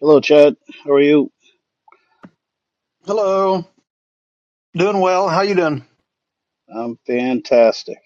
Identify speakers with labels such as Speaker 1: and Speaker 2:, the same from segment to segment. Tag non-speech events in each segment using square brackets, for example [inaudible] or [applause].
Speaker 1: Hello, Chad. How are you?
Speaker 2: Hello. Doing well. How you doing?
Speaker 1: I'm fantastic.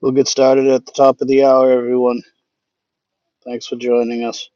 Speaker 1: We'll get started at the top of the hour, everyone. Thanks for joining us.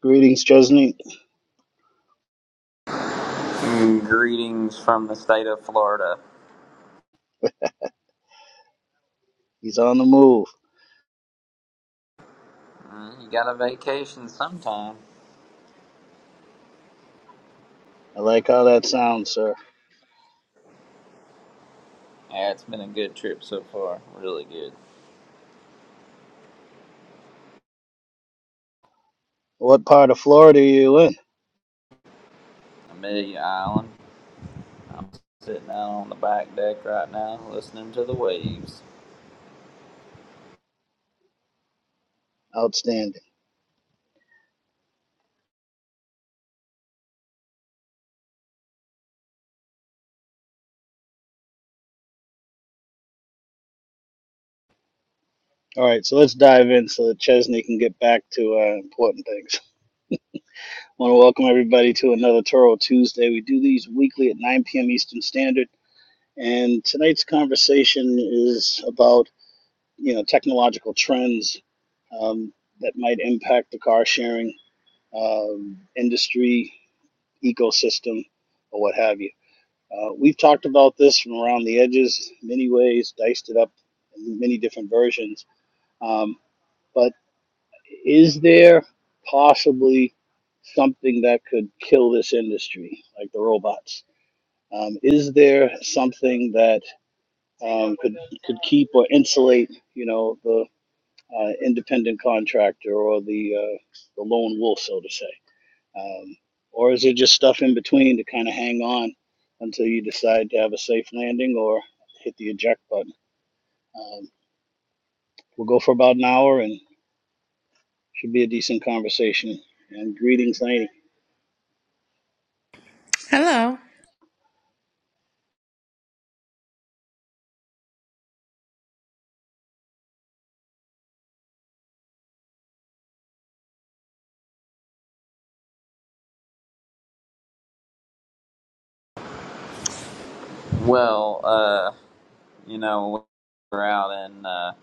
Speaker 1: Greetings, Chesney.
Speaker 3: Mm, Greetings from the state of Florida.
Speaker 1: He's on the move.
Speaker 3: Mm, You got a vacation sometime.
Speaker 1: I like how that sounds, sir.
Speaker 3: Yeah, it's been a good trip so far. Really good.
Speaker 1: What part of Florida are you in?
Speaker 3: Amelia Island. I'm sitting out on the back deck right now listening to the waves.
Speaker 1: Outstanding. All right, so let's dive in so that Chesney can get back to uh, important things. I want to welcome everybody to another Toro Tuesday. We do these weekly at 9 p.m. Eastern Standard, and tonight's conversation is about you know technological trends um, that might impact the car sharing um, industry ecosystem or what have you. Uh, we've talked about this from around the edges many ways, diced it up in many different versions. Um, but is there possibly something that could kill this industry, like the robots? Um, is there something that um, could could keep or insulate, you know, the uh, independent contractor or the uh, the lone wolf, so to say? Um, or is it just stuff in between to kind of hang on until you decide to have a safe landing or hit the eject button? Um, we'll go for about an hour and should be a decent conversation. And greetings, Laney.
Speaker 4: Hello.
Speaker 3: Well, uh, you know, we're out in uh,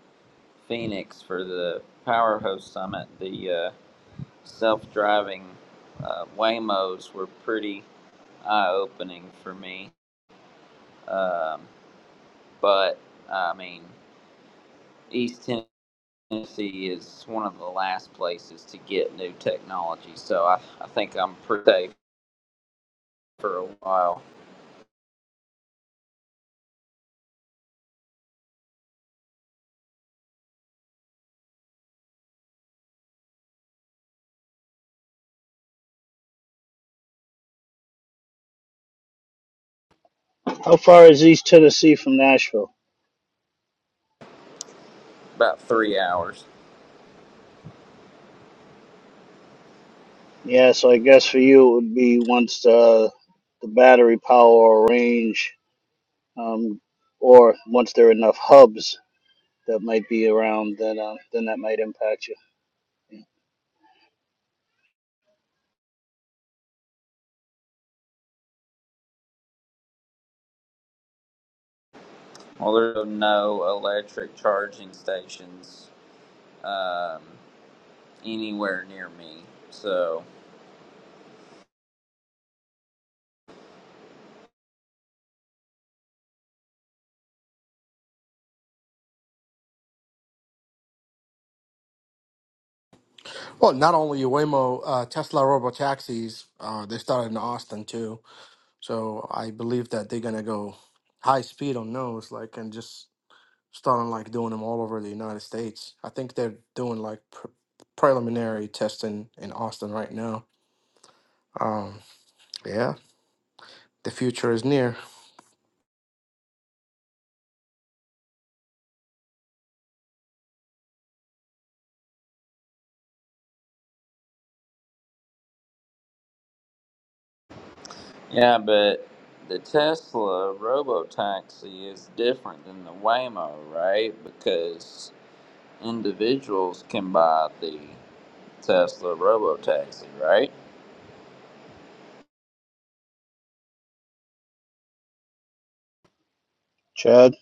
Speaker 3: Phoenix for the Power Host Summit. The uh, self driving uh, Waymos were pretty eye opening for me. Um, but, I mean, East Tennessee. Tennessee is one of the last places to get new technology, so I, I think I'm pretty safe for a while,
Speaker 1: How far is East Tennessee from Nashville?
Speaker 3: about three hours.
Speaker 1: Yeah, so I guess for you it would be once the the battery power or range, um, or once there are enough hubs that might be around, then uh, then that might impact you. Yeah.
Speaker 3: Well, there are no electric charging stations um, anywhere near me, so
Speaker 5: Well, not only Waymo, uh, Tesla robotaxis, uh, they started in Austin too. So I believe that they're gonna go high speed on those, like, and just starting like doing them all over the United States. I think they're doing like pre- preliminary testing in Austin right now. Um, yeah, the future is near.
Speaker 3: yeah, but the Tesla robotaxi is different than the Waymo, right? Because individuals can buy the Tesla robotaxi, right?
Speaker 1: Chad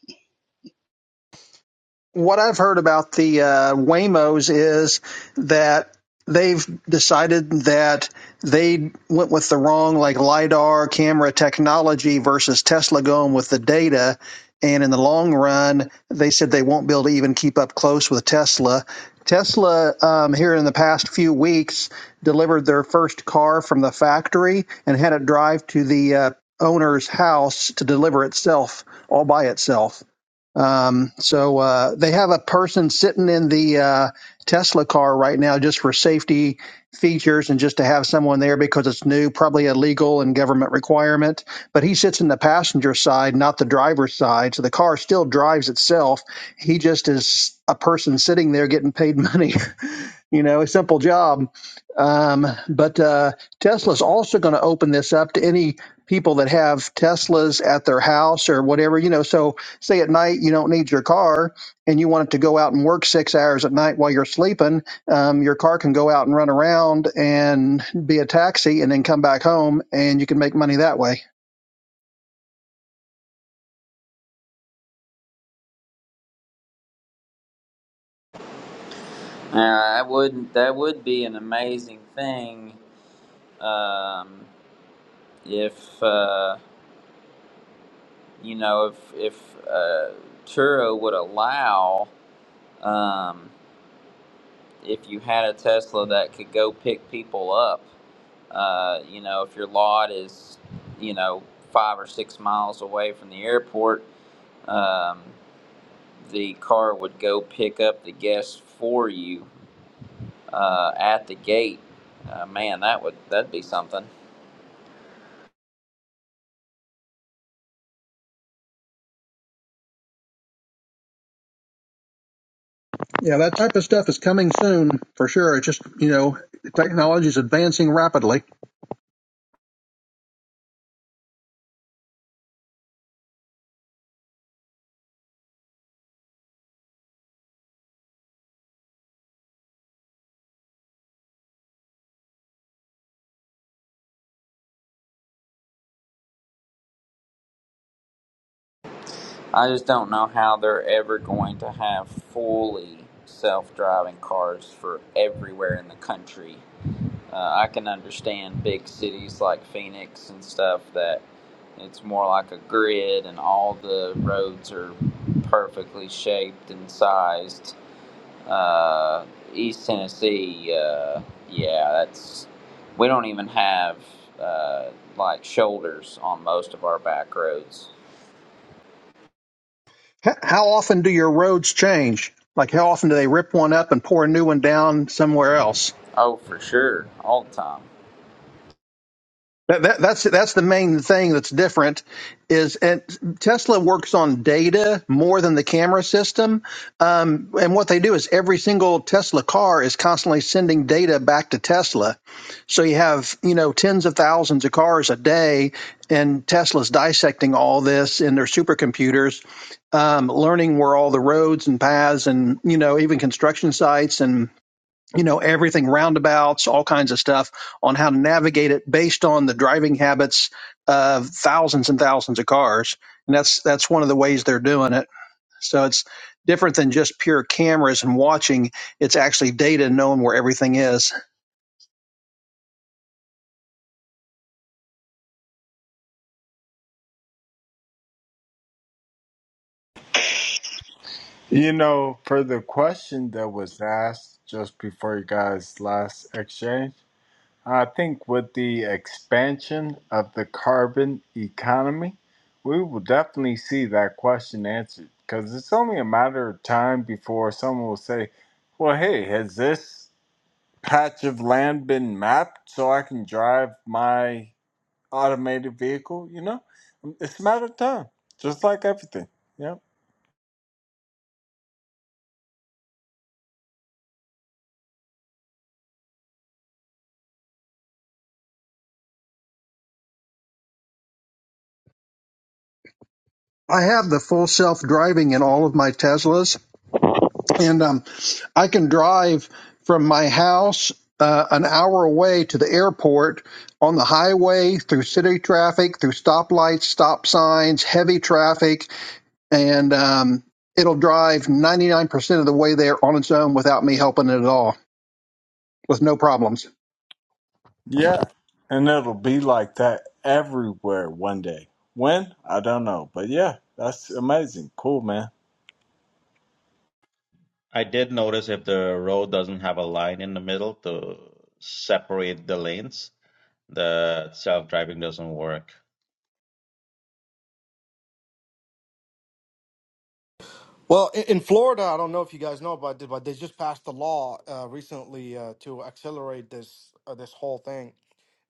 Speaker 2: what I've heard about the uh, Waymos is that they've decided that they went with the wrong like lidar camera technology versus Tesla going with the data. And in the long run, they said they won't be able to even keep up close with Tesla. Tesla, um, here in the past few weeks, delivered their first car from the factory and had it drive to the uh, owner's house to deliver itself all by itself. Um, so uh, they have a person sitting in the uh, Tesla car right now just for safety features and just to have someone there because it's new, probably a legal and government requirement. But he sits in the passenger side, not the driver's side. So the car still drives itself. He just is a person sitting there getting paid money [laughs] you know, a simple job. Um, but uh, Tesla's also going to open this up to any people that have Teslas at their house or whatever, you know. So, say at night you don't need your car and you want it to go out and work six hours at night while you're sleeping, um, your car can go out and run around and be a taxi and then come back home and you can make money that way.
Speaker 3: Uh, I would that would be an amazing thing um, if uh, you know if if uh, Turo would allow um, if you had a Tesla that could go pick people up. Uh, you know, if your lot is you know five or six miles away from the airport, um, the car would go pick up the guests for you uh, at the gate. Uh, man, that would that'd be something.
Speaker 2: Yeah, that type of stuff is coming soon for sure. It's just, you know, technology is advancing rapidly.
Speaker 3: I just don't know how they're ever going to have fully self-driving cars for everywhere in the country. Uh, I can understand big cities like Phoenix and stuff that it's more like a grid and all the roads are perfectly shaped and sized. Uh, East Tennessee, uh, yeah, that's we don't even have uh, like shoulders on most of our back roads.
Speaker 2: H- How often do your roads change? Like, how often do they rip one up and pour a new one down somewhere else?
Speaker 3: Oh, for sure, all the time.
Speaker 2: That, that, that's that's the main thing that's different is and Tesla works on data more than the camera system. Um, and what they do is every single Tesla car is constantly sending data back to Tesla. So you have you know tens of thousands of cars a day, and Tesla's dissecting all this in their supercomputers, um, learning where all the roads and paths and you know even construction sites you know everything roundabouts all kinds of stuff on how to navigate it based on the driving habits of thousands and thousands of cars and that's that's one of the ways they're doing it so it's different than just pure cameras and watching it's actually data knowing where everything is
Speaker 6: You know, for the question that was asked just before you guys' last exchange, I think with the expansion of the carbon economy, we will definitely see that question answered because it's only a matter of time before someone will say, Well, hey, has this patch of land been mapped so I can drive my automated vehicle? You know, it's a matter of time, just like everything. Yeah.
Speaker 2: i have the full self driving in all of my teslas and um, I can drive from my house uh, an hour away to the airport on the highway through city traffic, through stoplights, stop signs, heavy traffic, and um, it'll drive 99% of the way there on its own without me helping it at all, with no problems.
Speaker 6: Yeah, and it'll be like that everywhere one day. When? I don't know. But yeah, that's amazing. Cool, man.
Speaker 7: I did notice if the road doesn't have a line in the middle to separate the lanes, the self-driving doesn't work.
Speaker 5: Well, i- in Florida, I don't know if you guys know about it, but they just passed a law uh, recently uh, to accelerate this uh, this whole thing.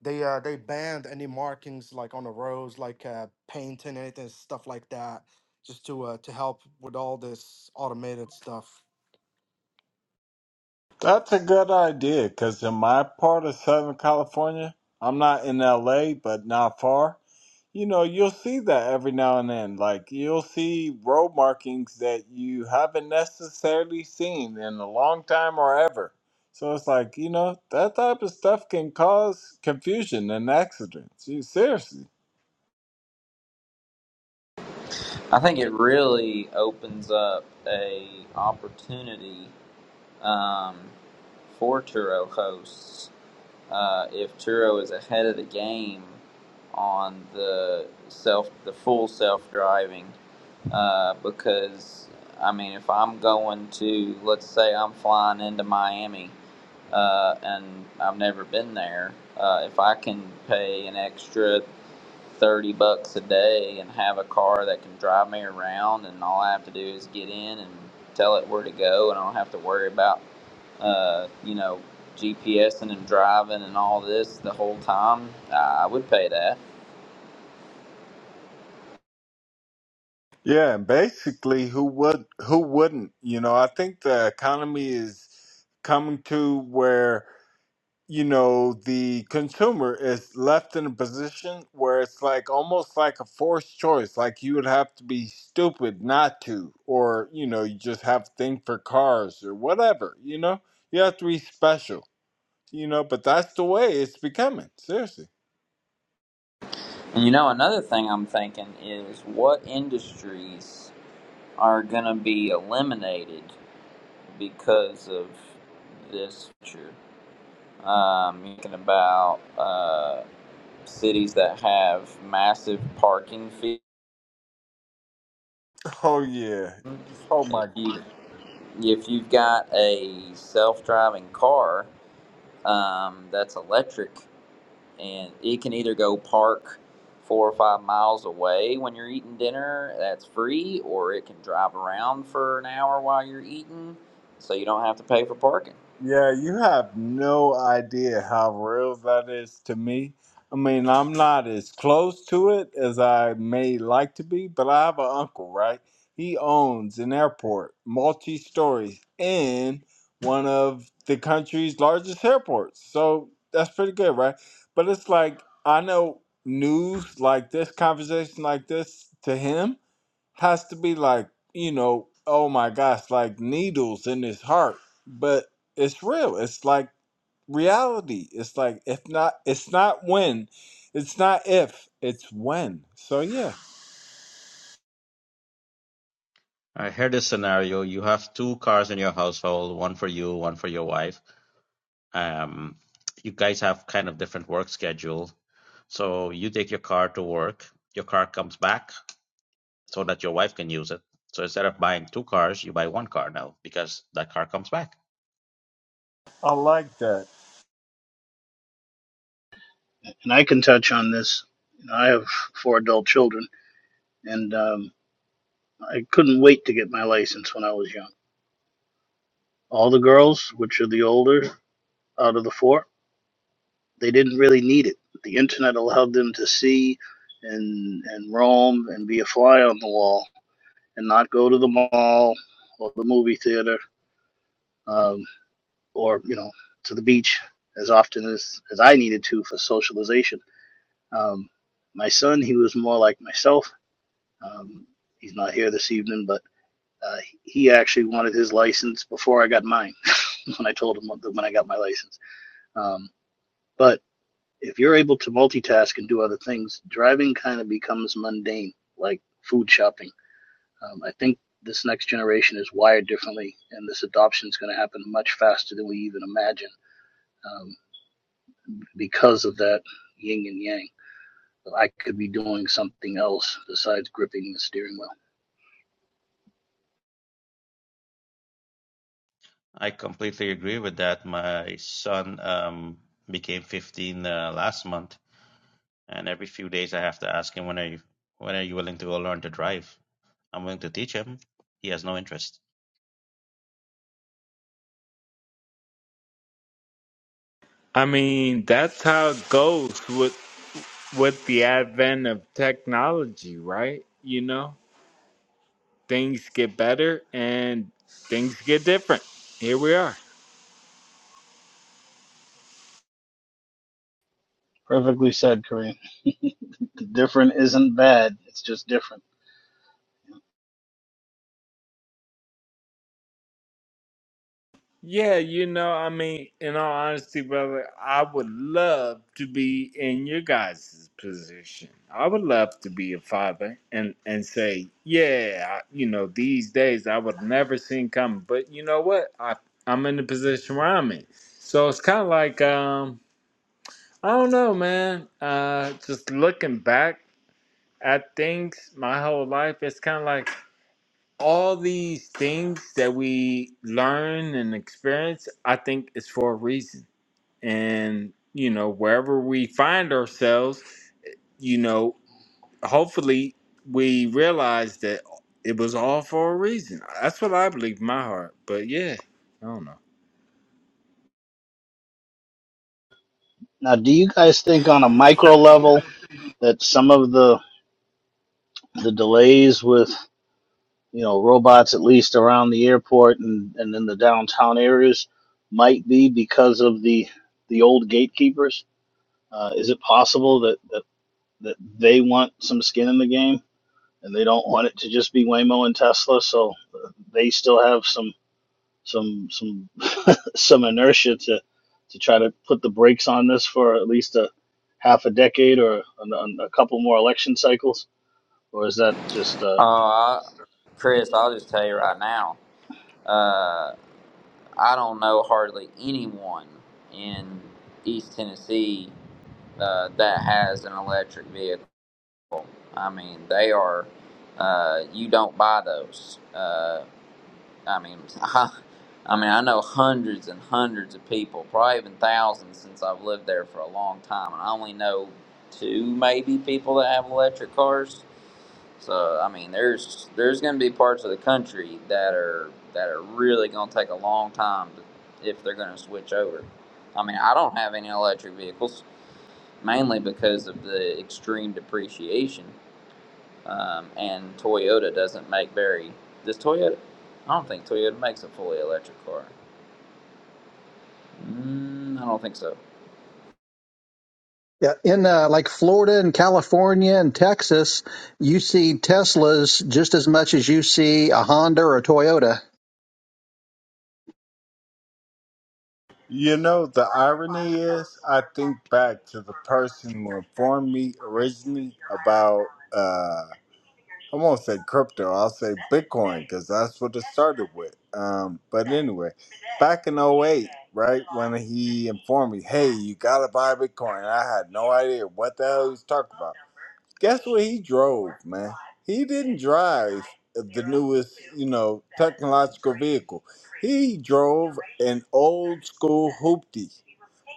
Speaker 5: They uh, they banned any markings like on the roads, like uh, paint and anything stuff like that, just to uh, to help with all this automated stuff.
Speaker 6: That's a good idea because in my part of Southern California, I'm not in LA, but not far. You know, you'll see that every now and then. Like, you'll see road markings that you haven't necessarily seen in a long time or ever. So it's like, you know, that type of stuff can cause confusion and accidents. You, seriously.
Speaker 3: I think it really opens up a opportunity um, for Turo hosts uh, if Turo is ahead of the game on the self the full self driving uh, because I mean if I'm going to let's say I'm flying into Miami uh, and I've never been there uh, if I can pay an extra 30 bucks a day and have a car that can drive me around and all I have to do is get in and tell it where to go and I don't have to worry about uh, you know GPSing and driving and all this the whole time I would pay that
Speaker 6: Yeah, and basically, who would who wouldn't? You know, I think the economy is coming to where you know the consumer is left in a position where it's like almost like a forced choice. Like you would have to be stupid not to, or you know, you just have to think for cars or whatever. You know, you have to be special. You know, but that's the way it's becoming. Seriously.
Speaker 3: and you know another thing I'm thinking is what industries are gonna be eliminated because of this future um, thinking about uh, cities that have massive parking fees
Speaker 6: Oh yeah. Oh
Speaker 3: If
Speaker 6: my.
Speaker 3: you if you've got a self-driving car um, that's electric, and it can either go park four or five miles away when you're eating dinner, that's free, or it can drive around for an hour while you're eating, so you don't have to pay for parking.
Speaker 6: Yeah, you have no idea how real that is to me. I mean, I'm not as close to it as I may like to be, but I have an uncle, right? He owns an airport, multi stories, in one of the country's largest airports. So that's pretty good, right? But it's like, I know news like this, conversation like this to him has to be like, you know, oh my gosh, like needles in his heart. But it's real. It's like reality. It's like if not it's not when. It's not if, it's when. So yeah,
Speaker 7: I heard this scenario. You have two cars in your household, one for you, one for your wife. Um, you guys have kind of different work schedule. So you take your car to work, your car comes back so that your wife can use it. So instead of buying two cars, you buy one car now because that car comes back.
Speaker 6: I like that.
Speaker 1: and I can touch on this. You know, I have four adult children, and um, I couldn't wait to get my license when I was young. All the girls, which are the older out of the four, they didn't really need it. The internet allowed them to see and and roam and be a fly on the wall and not go to the mall or the movie theater um, or you know to the beach as often as, as I needed to for socialization Um, my son, he was more like myself. Um, he's not here this evening, but uh, he actually wanted his license before I got mine. [laughs] when I told him when I got my license, um, but if you're able to multitask and do other things, driving kind of becomes mundane, like food shopping. Um, I think this next generation is wired differently, and this adoption is going to happen much faster than we even imagine um, because of that yin and yang. I could be doing something else besides gripping the steering wheel.
Speaker 7: I completely agree with that. My son um, became 15 uh, last month, and every few days I have to ask him when are you when are you willing to go learn to drive. I'm willing to teach him. He has no interest.
Speaker 6: I mean, that's how it goes with with the advent of technology, right? You know, things get better and things get different. Here we are.
Speaker 1: Perfectly said, Kareem. Different isn't bad. It's just different.
Speaker 6: Yeah, you know, I mean, in all honesty, brother, I would love to be in your guys' position. I would love to be a father and and say, yeah, I, you know, these days I would never seen coming. But you know what? I I'm in the position where I'm in, so it's kind of like um, I don't know, man. Uh, just looking back at things my whole life, it's kind of like all these things that we learn and experience, I think is for a reason. And, you know, wherever we find ourselves, you know, hopefully we realize that it was all for a reason. That's what I believe in my heart. But yeah, I don't know.
Speaker 1: Now, do you guys think on a micro level that some of the the delays with you know robots at least around the airport and, and in the downtown areas might be because of the the old gatekeepers? Uh, is it possible that, that that they want some skin in the game and they don't want it to just be Waymo and Tesla, so they still have some some some some inertia to to try to put the brakes on this for at least a half a decade or an, a couple more election cycles, or is that just uh,
Speaker 3: Uh, I- Chris, I'll just tell you right now, uh, I don't know hardly anyone in East Tennessee uh, that has an electric vehicle. I mean, they are. Uh, you don't buy those. Uh, I mean, [laughs] I, I mean, I know hundreds and hundreds of people, probably even thousands, since I've lived there for a long time, and I only know two, maybe, people that have electric cars. So, I mean, there's there's going to be parts of the country that are that are really going to take a long time to, if they're going to switch over. I mean, I don't have any electric vehicles mainly because of the extreme depreciation um, and Toyota doesn't make very. Does Toyota? I don't think Toyota makes a fully electric car. Mm, I don't think so.
Speaker 2: Yeah, in uh, like Florida and California and Texas, you see Teslas just as much as you see a Honda or a Toyota.
Speaker 6: You know, the irony is, I think back to the person who informed me originally about. I won't say crypto. I'll say Bitcoin because that's what it started with. Um, but anyway, back in '08, right, when he informed me, hey, you got to buy Bitcoin, I had no idea what the hell he was talking about. Guess what he drove, man? He didn't drive the newest, you know, technological vehicle. He drove an old school hoopty.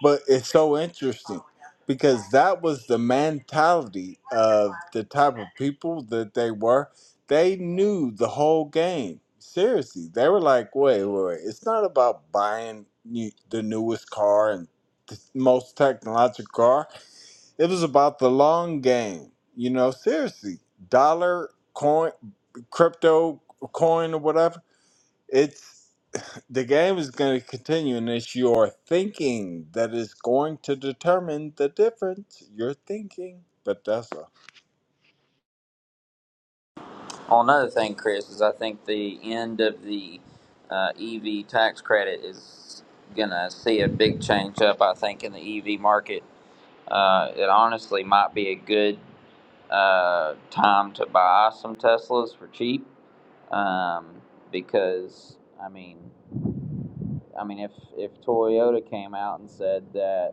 Speaker 6: But it's so interesting because that was the mentality of the type of people that they were. They knew the whole game. Seriously, they were like, wait, wait, wait. It's not about buying new, the newest car and the most technological car. It was about the long game. You know, seriously, dollar, coin, crypto, coin, or whatever. It's the game is going to continue, and it's your thinking that is going to determine the difference. Your thinking, but that's all.
Speaker 3: Well, another thing, Chris, is I think the end of the uh, EV tax credit is gonna see a big change up. I think in the EV market, uh, it honestly might be a good uh, time to buy some Teslas for cheap um, because I mean, I mean, if if Toyota came out and said that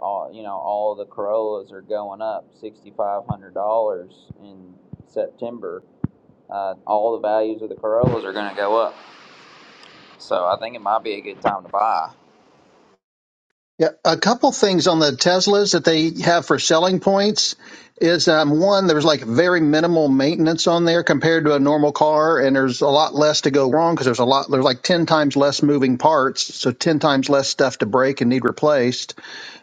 Speaker 3: all you know all the Corollas are going up sixty five hundred dollars in September. Uh, all the values of the Corollas are going to go up, so I think it might be a good time to buy.
Speaker 2: Yeah, a couple things on the Teslas that they have for selling points is um, one, there's like very minimal maintenance on there compared to a normal car, and there's a lot less to go wrong because there's a lot, there's like 10 times less moving parts, so 10 times less stuff to break and need replaced.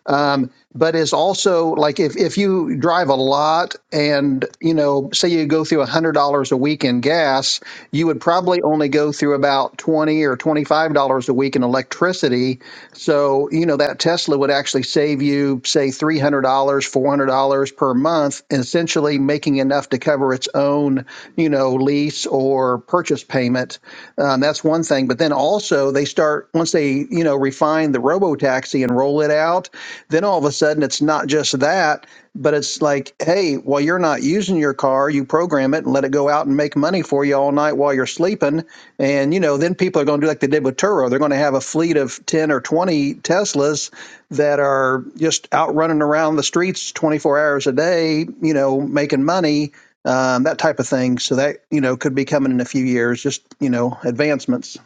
Speaker 2: Um, but it's also like if, if you drive a lot and, you know, say you go through $100 a week in gas, you would probably only go through about 20 or $25 a week in electricity so, you know, that Tesla would actually save you, say, $300, $400 per month, and essentially making enough to cover its own, you know, lease or purchase payment. Um, that's one thing. But then also, they start, once they, you know, refine the robo taxi and roll it out, then all of a sudden it's not just that, but it's like, hey, while you're not using your car, you program it and let it go out and make money for you all night while you're sleeping and you know, then people are going to do like they did with Turo. They're going to have a fleet of ten or twenty Teslas that are just out running around the streets twenty four hours a day. You know, making money, um, that type of thing. So that you know could be coming in a few years. Just you know, advancements.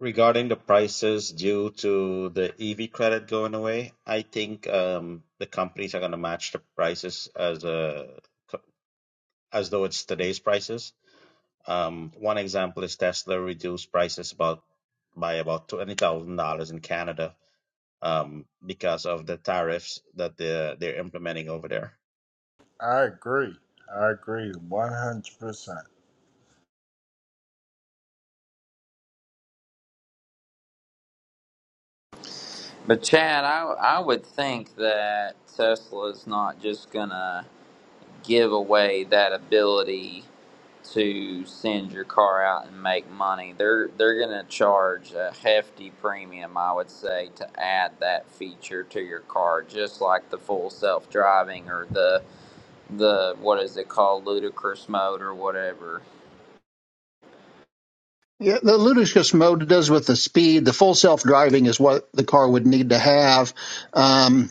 Speaker 7: Regarding the prices due to the EV credit going away, I think um, the companies are going to match the prices as a, as though it's today's prices. Um, one example is Tesla reduced prices about by about twenty thousand dollars in Canada um, because of the tariffs that they're, they're implementing over there.
Speaker 6: I agree. I agree 100%.
Speaker 3: But Chad, I I would think that Tesla's not just gonna give away that ability to send your car out and make money. They're they're going to charge a hefty premium, I would say, to add that feature to your car, just like the full self-driving or the the what is it called ludicrous mode or whatever.
Speaker 2: Yeah, the ludicrous mode does with the speed. The full self driving is what the car would need to have. Um,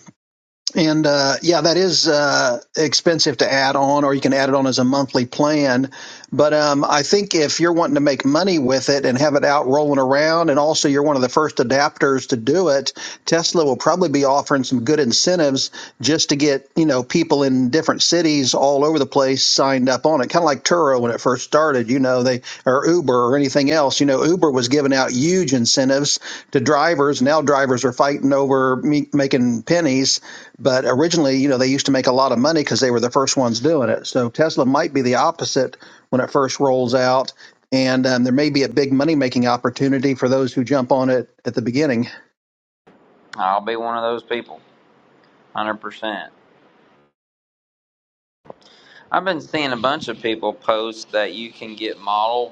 Speaker 2: And uh, yeah, that is uh, expensive to add on, or you can add it on as a monthly plan. But um, I think if you're wanting to make money with it and have it out rolling around, and also you're one of the first adapters to do it, Tesla will probably be offering some good incentives just to get you know people in different cities all over the place signed up on it. Kind of like Turo when it first started, you know, they or Uber or anything else. You know, Uber was giving out huge incentives to drivers. Now drivers are fighting over me- making pennies but originally, you know, they used to make a lot of money because they were the first ones doing it. So Tesla might be the opposite when it first rolls out, and um, there may be a big money making opportunity for those who jump on it at the beginning.
Speaker 3: I'll be one of those people. 100%. I've been seeing a bunch of people post that you can get Model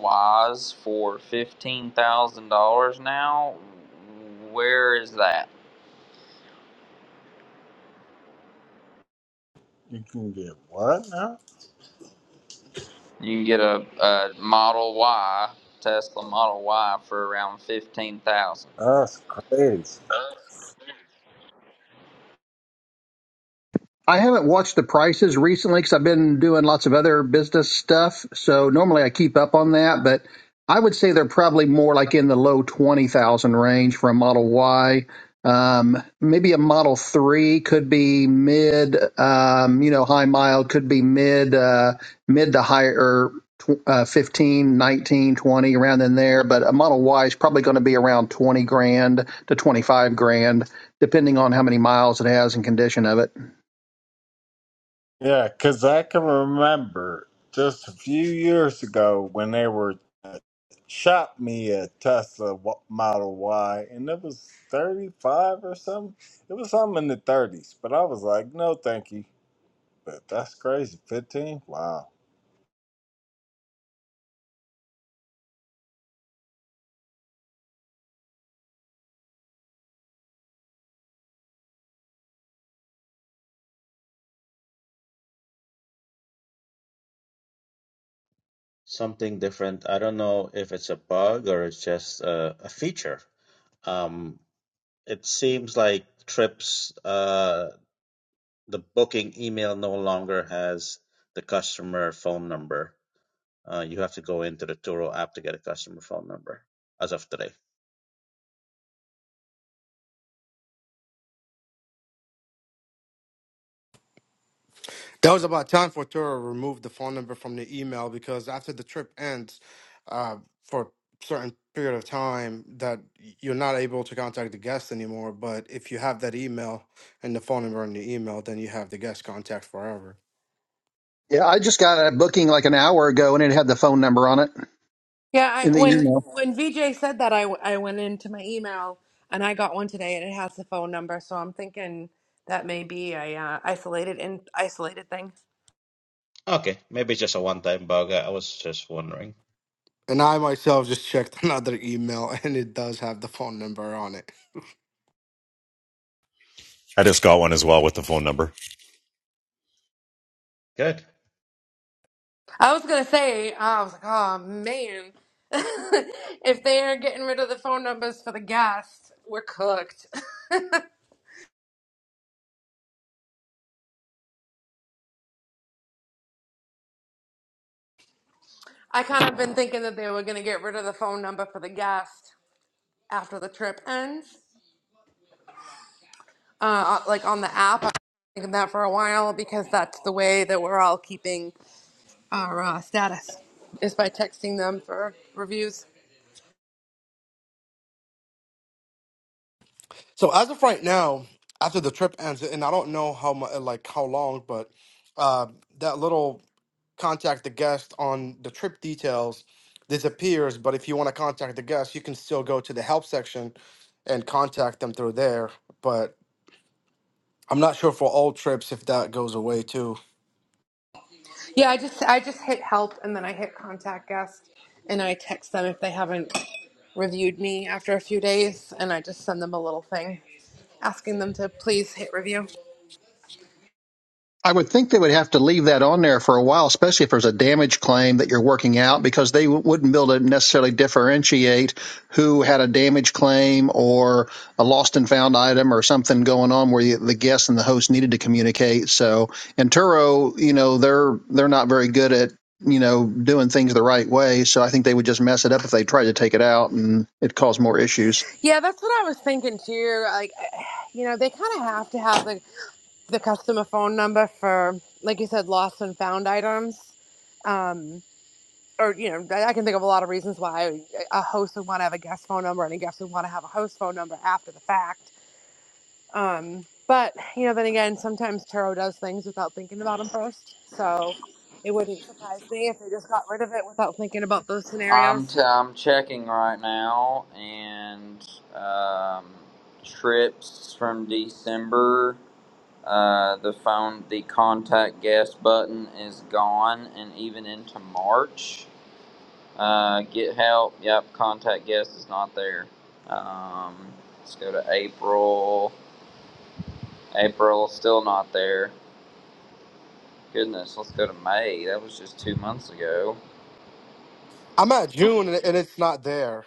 Speaker 3: Ys for $15,000 now. Where is that?
Speaker 6: You can get what now?
Speaker 3: You can get a, a Model Y, Tesla Model Y, for around fifteen thousand.
Speaker 6: That's crazy.
Speaker 2: I haven't watched the prices recently because I've been doing lots of other business stuff. So normally I keep up on that, but I would say they're probably more like in the low 20,000 range for a Model Y. Um, maybe a Model 3 could be mid, um, you know, high mile could be mid, uh, mid to higher, tw- uh, 15, nineteen, twenty, around in there. But a Model Y is probably going to be around 20 grand to 25 grand, depending on how many miles it has and condition of it.
Speaker 6: Yeah, because I can remember just a few years ago when they were shot me a Tesla wa- Model Y, and it was 35 or something. It was something in the 30s, but I was like, no, thank you. But that's crazy. 15? Wow.
Speaker 7: Something different. I don't know if it's a bug or it's just a, a feature. Um, it seems like trips, uh, the booking email no longer has the customer phone number. Uh, you have to go into the Turo app to get a customer phone number as of today.
Speaker 5: That was about time for Tura removed the phone number from the email because after the trip ends, uh, for a certain period of time, that y- you're not able to contact the guest anymore. But if you have that email and the phone number in the email, then you have the guest contact forever.
Speaker 2: Yeah, I just got a booking like an hour ago and it had the phone number on it
Speaker 4: Yeah, I,
Speaker 2: in the
Speaker 4: when
Speaker 2: email.
Speaker 4: when VJ said that, I, w- I went into my email and I got one today, and it has the phone number. So I'm thinking that may be a uh, isolated in isolated thing.
Speaker 7: Okay, maybe it's just a one-time bug. I I was just wondering.
Speaker 5: And I myself just checked [laughs] another email, and it does have the phone number on it.
Speaker 8: I just got one as well with the phone number.
Speaker 7: Good.
Speaker 4: I was gonna say, I was like, oh man, [laughs] if they're getting rid of the phone numbers for the guests, we're cooked. [laughs] I kind of been thinking that they were gonna get rid of the phone number for the guest after the trip ends, uh, uh, like on the app. I've been thinking that for a while because that's the way that we're all keeping. our uh, status is by texting them for reviews.
Speaker 5: So as of right now, after the trip ends, and I don't know how much, like how long, but uh, that little contact the guest on the trip details disappears. But if you want to contact the guest, you can still go to the help section and contact them through there. But I'm not sure for all trips if that goes away too.
Speaker 4: Yeah, I just I just hit help and then I hit contact guest and I text them if they haven't reviewed me after a few days and I just send them a little thing asking them to please hit review.
Speaker 2: I would think they would have to leave that on there for a while, especially if there's a damage claim that you're working out, because they w- wouldn't be able to necessarily differentiate who had a damage claim or a lost and found item or something going on where you, the guest and the host needed to communicate. So, and Turo, you know, they're they're not very good at you know doing things the right way, so I think they would just mess it up if they tried to take it out, and it caused more issues.
Speaker 4: Yeah, that's what I was thinking too. Like you know, they kind of have to have the the customer phone number for like you said lost and found items. Um, or you know, I can think of a lot of reasons why a host would want to have a guest phone number and a guest would want to have a host phone number after the fact. Um, but you know, then again, sometimes tarot does things without thinking about them first, so it wouldn't surprise me if they just got rid of it without thinking about those
Speaker 3: dollars. I'm
Speaker 4: scenarios.
Speaker 3: t- I'm checking right now, and um, trips from December. Uh, the phone, the contact guest button is gone, and even into March. Uh, get help. Yep, contact guest is not there. Um, let's go to April. April still not there. Goodness, let's go to May. That was just two months ago.
Speaker 5: I'm at June and and it's not there.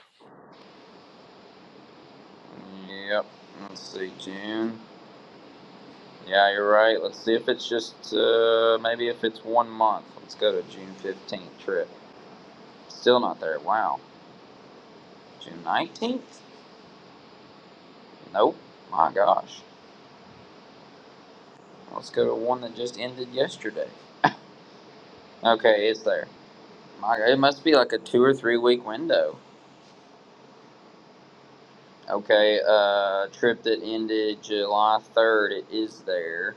Speaker 3: Yep. Let's see, June. Yeah, you're right. Let's see if it's just uh, maybe if it's one month. Let's go to June 15th trip. Still not there. Wow. June 19th? Nope. My gosh. Let's go to one that just ended yesterday. Okay, it's there. My God, it must be like a two or three week window. Okay, uh, trip that ended July 3rd. It is there.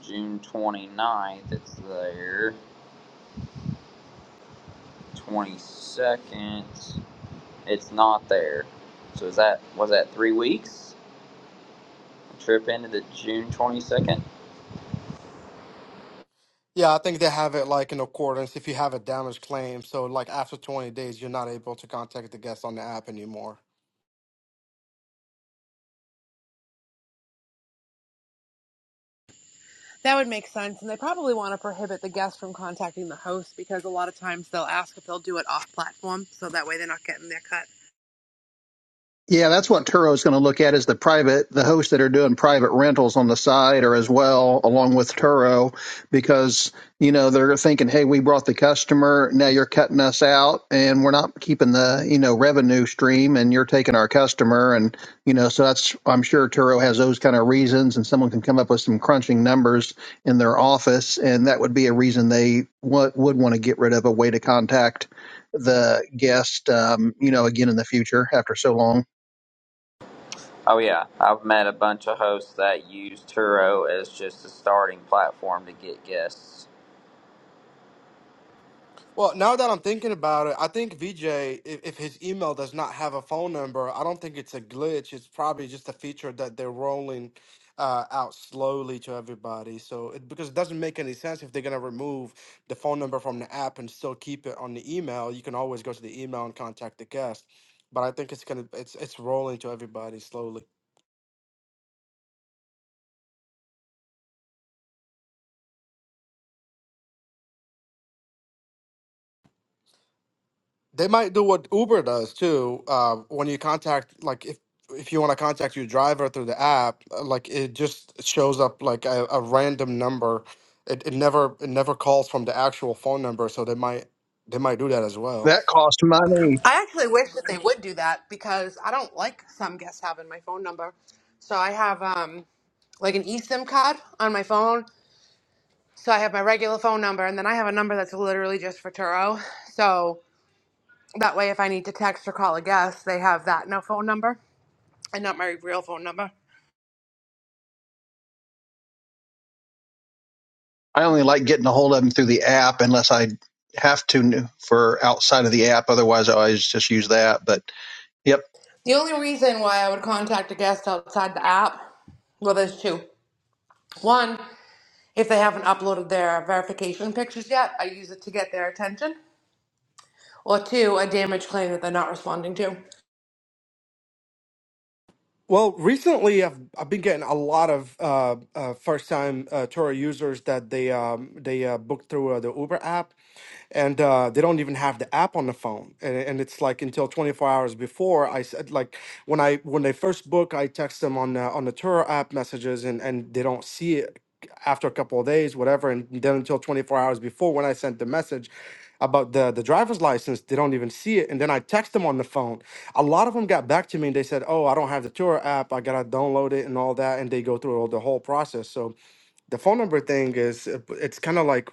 Speaker 3: June twenty ninth. It's there. 22nd. It's not there. So is that was that three weeks? A Trip into the June 22nd.
Speaker 5: Yeah, I think they have it like in accordance if you have a damage claim. So like after 20 days, you're not able to contact the guest on the app anymore.
Speaker 4: That would make sense, and they probably want to prohibit the guest from contacting the host because a lot of times they'll ask if they'll do it off platform, so that way they're not getting their cut.
Speaker 2: Yeah, that's what Turo is going to look at is the private, the hosts that are doing private rentals on the side or as well, along with Turo, because, you know, they're thinking, hey, we brought the customer. Now you're cutting us out and we're not keeping the, you know, revenue stream and you're taking our customer. And, you know, so that's, I'm sure Turo has those kind of reasons and someone can come up with some crunching numbers in their office. And that would be a reason they would, would want to get rid of a way to contact the guest, um, you know, again in the future after so long.
Speaker 3: Oh yeah, I've met a bunch of hosts that use Turo as just a starting platform to get guests.
Speaker 5: Well, now that I'm thinking about it, I think VJ, if, if his email does not have a phone number, I don't think it's a glitch. It's probably just a feature that they're rolling uh, out slowly to everybody. So, it, because it doesn't make any sense if they're going to remove the phone number from the app and still keep it on the email, you can always go to the email and contact the guest. But I think it's gonna it's it's rolling to everybody slowly. They might do what Uber does too. Uh, when you contact, like if if you want to contact your driver through the app, uh, like it just shows up like a, a random number. It, it never it never calls from the actual phone number, so they might they might do that as well.
Speaker 2: That costs money.
Speaker 4: I actually wish that they would do that because I don't like some guests having my phone number. So I have um like an eSIM card on my phone. So I have my regular phone number, and then I have a number that's literally just for Turo. So that way, if I need to text or call a guest, they have that no phone number and not my real phone number.
Speaker 2: I only like getting a hold of them through the app unless I have to for outside of the app. Otherwise, I always just use that. But yep,
Speaker 4: The only reason why I would contact a guest outside the app, well, there's two. One, if they haven't uploaded their verification pictures yet, I use it to get their attention. Or two, a damage claim that they're not responding to.
Speaker 5: Well, recently I've I've been getting a lot of uh, uh, first time uh, Turo users that they um, they uh, booked through uh, the Uber app. and uh, they don't even have the app on the phone and, and it's like until 24 hours before i said like when i when they first book i text them on the on the tour app messages and and they don't see it after a couple of days whatever and then until 24 hours before when i sent the message about the the driver's license they don't even see it and then i text them on the phone a lot of them got back to me and they said oh i don't have the tour app i gotta download it and all that and they go through all the whole process so the phone number thing is uh, p- it's kind of like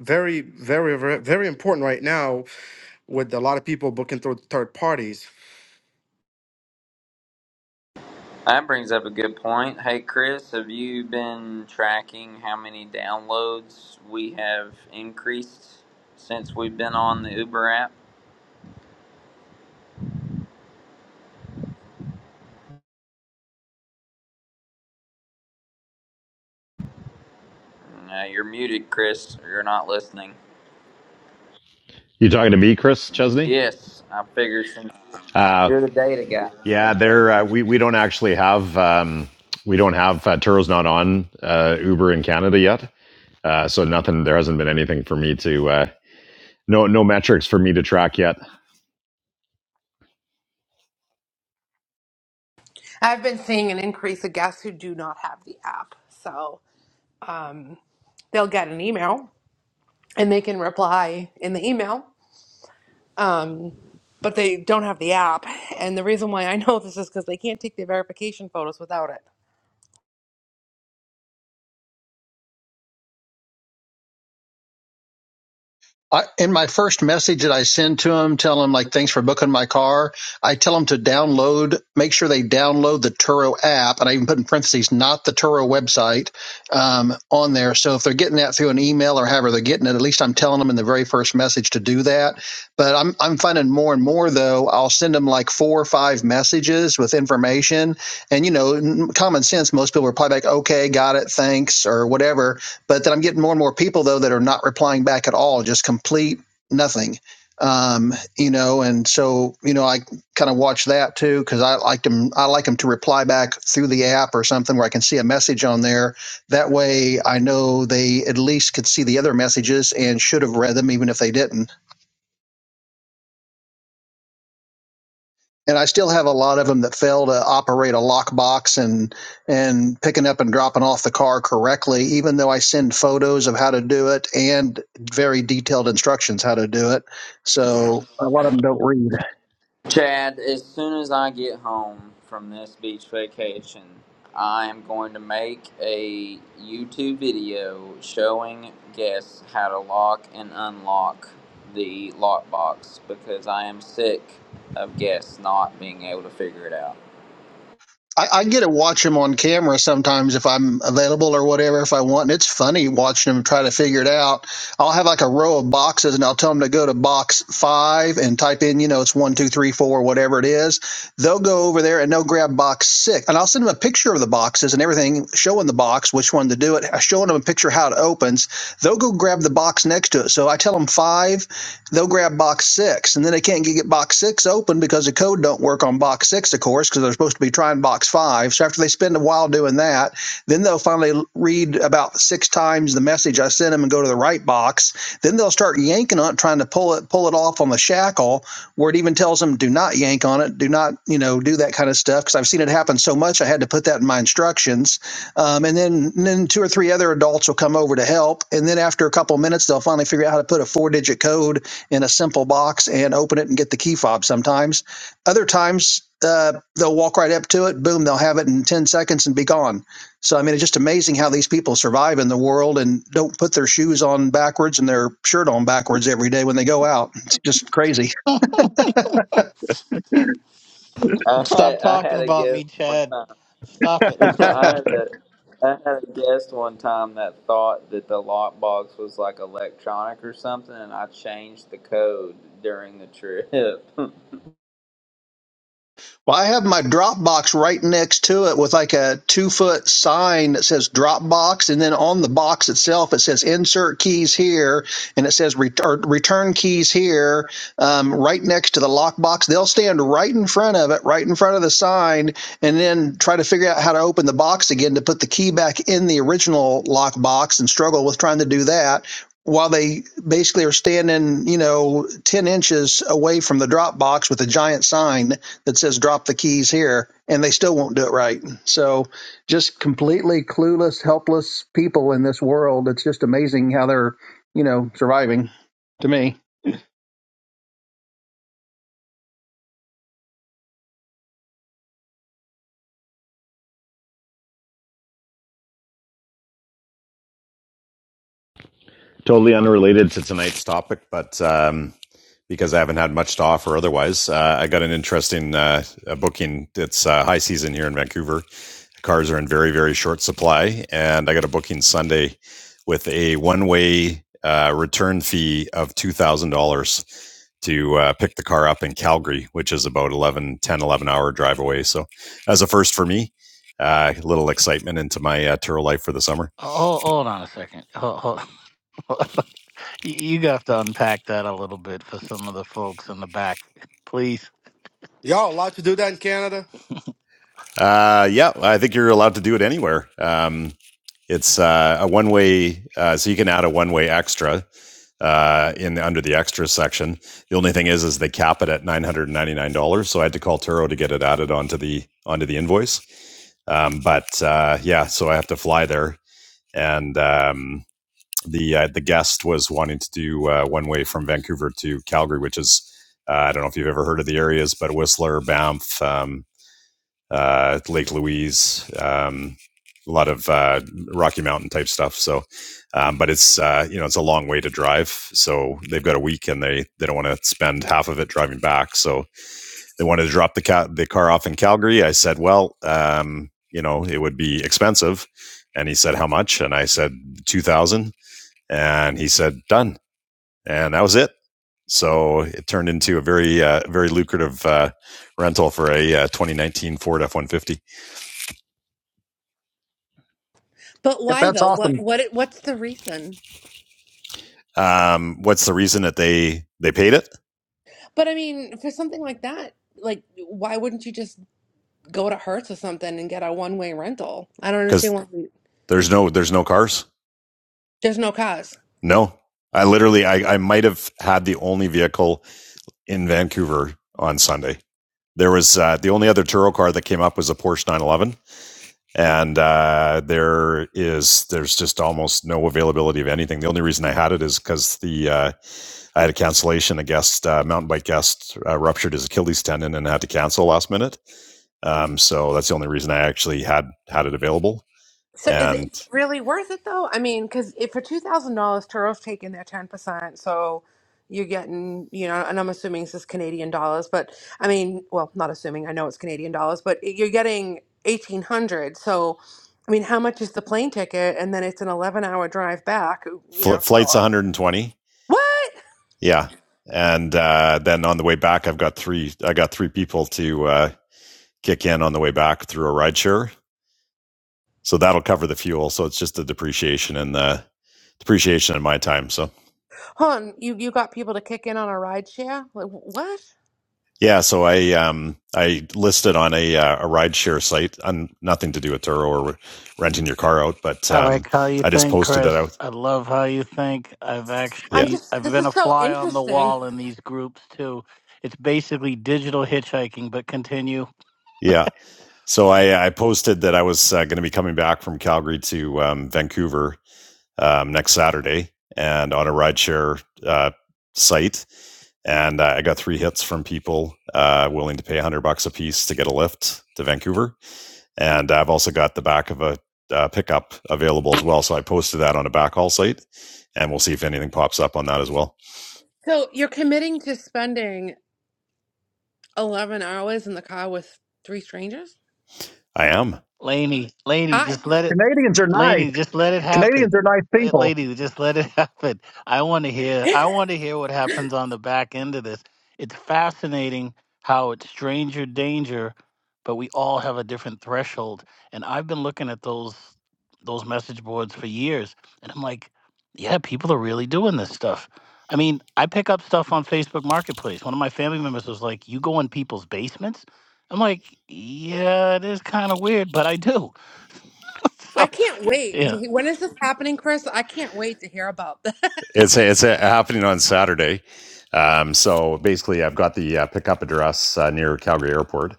Speaker 5: very, very, very, very important right now with a lot of people booking through third parties.
Speaker 3: That brings up a good point. Hey Chris, have you been tracking how many downloads we have increased since we've been on the Uber app? Uh, you're muted, Chris. Or you're not listening.
Speaker 8: You talking to me, Chris Chesney?
Speaker 3: Yes, I figured since
Speaker 8: Uh,
Speaker 3: you're the data guy.
Speaker 8: yeah, there uh, we we don't actually have um, we don't have uh, Turo's not on uh, Uber in Canada yet, uh, so nothing. There hasn't been anything for me to uh, no no metrics for me to track yet.
Speaker 4: I've been seeing an increase of guests who do not have the app. So um, they'll get an email and they can reply in the email. Um, but they don't have the app. And the reason why I [laughs] know this is because they can't take the verification photos without it.
Speaker 2: I, in my first message that I send to them, tell them like, thanks for booking my car. I tell them to download, make sure they download the Turo app. And I even put in parentheses, not the Turo website, um, on there. So if they're getting that through an email or however they're getting it, at least I'm telling them in the very first message to do that. But I'm, I'm finding more and more though, I'll send them like four or five messages with information and, you know, common sense. Most people reply back, okay, got it. Thanks or whatever but that I'm getting more and more people though that are not replying back at all, just complete nothing. Um, you know, and so you know, I kind of watch that too because I like them. I like them to reply back through the app or something where I can see a message on there. That way, I know they at least could see the other messages and should have read them, even if they didn't. and I still have a lot of them that fail to operate a lockbox and and picking up and dropping off the car correctly, even though I send photos of how to do it and very detailed instructions how to do it. So a lot of them don't read.
Speaker 3: Chad, as soon as I get home from this beach vacation, I am going to make a YouTube video showing guests how to lock and unlock the lockbox because I am sick of guests not being able to figure it out.
Speaker 2: I, I get to watch him on camera sometimes if I'm available or whatever if I want. And it's funny watching him try to figure it out. I'll have like a row of boxes and I'll tell him to go to box five and type in, you know, it's one, two, three, four, whatever it is. They'll go over there and they'll grab box six. And I'll send him a picture of the boxes and everything, showing the box, which one to do it, showing them a picture how it opens. They'll go grab the box next to it. So I tell them five they'll grab box six and then they can't get box six open because the code don't work on box six of course because they're supposed to be trying box five so after they spend a while doing that then they'll finally read about six times the message i sent them and go to the right box then they'll start yanking on it trying to pull it pull it off on the shackle where it even tells them do not yank on it do not you know do that kind of stuff because i've seen it happen so much i had to put that in my instructions um, and then and then two or three other adults will come over to help and then after a couple of minutes they'll finally figure out how to put a four digit code in a simple box and open it and get the key fob sometimes. Other times, uh, they'll walk right up to it, boom, they'll have it in 10 seconds and be gone. So, I mean, it's just amazing how these people survive in the world and don't put their shoes on backwards and their shirt on backwards every day when they go out. It's just crazy.
Speaker 3: I
Speaker 1: Stop
Speaker 3: had, I
Speaker 1: talking
Speaker 3: had a
Speaker 1: about
Speaker 3: guest
Speaker 1: me,
Speaker 3: one
Speaker 1: Chad. Stop it.
Speaker 3: time. [laughs] I had a I had a guest one time that thought that the lockbox was like electronic or something, and I changed the code during the trip. [laughs]
Speaker 2: Well, I have my Dropbox right next to it with like a two foot sign that says Dropbox, and then on the box itself it says Insert keys here, and it says ret- or Return keys here, um, right next to the lockbox. They'll stand right in front of it, right in front of the sign, and then try to figure out how to open the box again to put the key back in the original lockbox, and struggle with trying to do that. While they basically are standing, you know, 10 inches away from the Dropbox with a giant sign that says drop the keys here and they still won't do it right. So just completely clueless, helpless people in this world. It's just amazing how they're, you know, surviving to me.
Speaker 8: Totally unrelated to tonight's topic, but um, because I haven't had much to offer otherwise, uh, I got an interesting uh, booking. It's uh, high season here in Vancouver. Cars are in very, very short supply, and I got a booking Sunday with a one way uh, return fee of $2,000 to uh, pick the car up in Calgary, which is about eleven, ten, eleven hour drive away. So, as a first for me, uh, a little excitement into my uh, Turo life for the summer.
Speaker 1: Oh, hold on a second. Ho- ho- [laughs] you you have to unpack that a little bit for some of the folks in the back, please.
Speaker 5: Y'all allowed to do that in Canada?
Speaker 8: Uh, yeah, I think you're allowed to do it anywhere. Um, it's uh, a one way, uh, so you can add a one way extra uh, in under the extra section. The only thing is, is they cap it at nine hundred ninety nine dollars. So I had to call Turo to get it added onto the onto the invoice. Um, but uh, yeah, so I have to fly there, and um, the uh, the guest was wanting to do uh, one way from Vancouver to Calgary, which is uh, I don't know if you've ever heard of the areas, but Whistler, Banff. Um, uh, Lake Louise, um, a lot of uh, Rocky Mountain type stuff. So, um, but it's uh, you know it's a long way to drive, so they've got a week and they they don't want to spend half of it driving back. So they wanted to drop the cat the car off in Calgary. I said, well, um, you know, it would be expensive, and he said how much, and I said two thousand, and he said done, and that was it. So it turned into a very uh, very lucrative uh, rental for a uh, 2019 Ford F150.
Speaker 4: But
Speaker 2: Yep,
Speaker 4: why
Speaker 2: that's
Speaker 4: though? What
Speaker 2: awesome.
Speaker 4: what it- what's the reason?
Speaker 8: Um, what's the reason that they they paid it?
Speaker 4: But I mean, for something like that, like why wouldn't you just go to Hertz or something and get a one way rental? I don't understand
Speaker 8: Because
Speaker 4: why we-
Speaker 8: there's no there's no cars.
Speaker 4: there's no cost.
Speaker 8: No, I literally I, I might have had the only vehicle in Vancouver on Sunday. There was uh, the only other Turo car that came up was a Porsche 911, and uh, there is there's just almost no availability of anything. The only reason I had it is because the uh, I had a cancellation. A guest uh, mountain bike guest uh, ruptured his Achilles tendon and had to cancel last minute. Um, so that's the only reason I actually had had it available.
Speaker 4: So is
Speaker 8: and
Speaker 4: it really worth it though? I mean, because if for two thousand dollars, Turo's taking their ten percent, so you're getting, you know, and I'm assuming this is Canadian dollars, but I mean, well, not assuming, I know it's Canadian dollars, but you're getting eighteen hundred. So, I mean, how much is the plane ticket? And then it's an eleven-hour drive back. You
Speaker 8: fl-
Speaker 4: know,
Speaker 8: flight's
Speaker 4: so-
Speaker 8: 120.
Speaker 4: what?
Speaker 8: Yeah, and uh, then on the way back, I've got three. I got three people to uh, kick in on the way back through a rideshare, so that'll cover the fuel. So it's just the depreciation and the depreciation in my time. So
Speaker 4: Hold on, you you got people to kick in on a ride share? Like, wh- what?
Speaker 8: yeah, so I um I listed on a uh, a rideshare site, on nothing to do with Turo or renting your car out, but
Speaker 1: I
Speaker 8: um
Speaker 1: like how you
Speaker 8: I just
Speaker 1: think,
Speaker 8: posted that
Speaker 1: Chris.
Speaker 8: out.
Speaker 1: I love how you think. I've
Speaker 4: I'm
Speaker 8: Yeah,
Speaker 1: actually
Speaker 4: just.
Speaker 1: I've
Speaker 4: This
Speaker 1: been
Speaker 4: is
Speaker 1: a
Speaker 4: so
Speaker 1: fly on the
Speaker 4: interesting.
Speaker 1: wall in these groups too. It's basically digital hitchhiking, but continue.
Speaker 8: yeah. So I I posted that I was uh, going to be coming back from Calgary to um, Vancouver um, next Saturday and on a rideshare uh, site. And uh, I got three hits from people uh, willing to pay 100 bucks a piece to get a lift to Vancouver. And I've also got the back of a uh, pickup available as well. So I posted that on a backhaul site and we'll see if anything pops up on that as well.
Speaker 4: So you're committing to spending. 11 hours in the car with three strangers.
Speaker 8: I am.
Speaker 1: Laney, Laney,
Speaker 4: I
Speaker 1: just let it
Speaker 2: Canadians are nice.
Speaker 1: Lady, just let it happen.
Speaker 2: Canadians are nice
Speaker 1: La-
Speaker 2: people.
Speaker 1: Lady, just let it [laughs] happen. I want to hear. I
Speaker 4: [laughs]
Speaker 1: want to hear what happens on the back end of this. It's fascinating how it's stranger danger, but we all have a different threshold. And I've been looking at those those message boards for years, and I'm like, yeah, people are really doing this stuff. I mean, I pick up stuff on Facebook Marketplace. One of my family members was like, "You go in people's basements." I'm like, "Yeah, it is kind of weird, but I do." [laughs] so,
Speaker 4: I can't wait
Speaker 1: yeah.
Speaker 4: to hear, when is this happening, Chris? I can't wait to hear about this. [laughs]
Speaker 8: It's it's uh, happening on Saturday. Um, so basically, I've got the uh, pickup address uh, near Calgary Airport,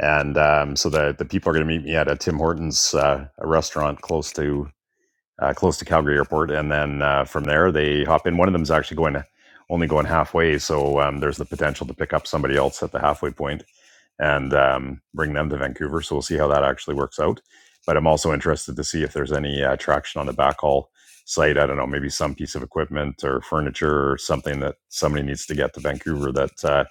Speaker 8: and um, so the the people are going to meet me at a Tim Hortons uh, a restaurant close to uh, close to Calgary Airport, and then uh, from there they hop in. One of them is actually going to only going halfway, so um, there's the potential to pick up somebody else at the halfway point and um, bring them to Vancouver. So we'll see how that actually works out. But I'm also interested to see if there's any uh, traction on the backhaul site. I don't know, maybe some piece of equipment or furniture or something that somebody needs to get to Vancouver that uh,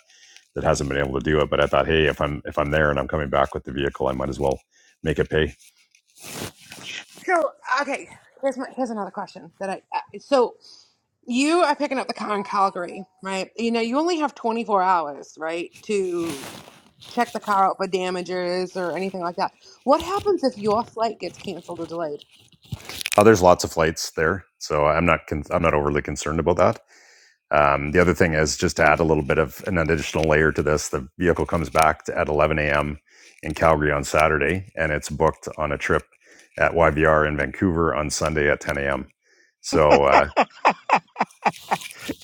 Speaker 8: that hasn't been able to do it. But I thought, hey, if I'm if I'm there and I'm coming back with the vehicle, I might as well make it pay.
Speaker 4: So, okay, here's my, here's another question that I uh, so you are picking up the car in Calgary, right? You know, you only have 24 hours, right, to check the car out for damages or anything like that. What happens if your flight gets canceled or delayed?
Speaker 8: Uh, there's lots of flights there, so I'm not con- I'm not overly concerned about that. Um, the other thing is just to add a little bit of an additional layer to this. The vehicle comes back to, at 11 a.m. in Calgary on Saturday, and it's booked on a trip at YVR in Vancouver on Sunday at 10 a.m. So uh,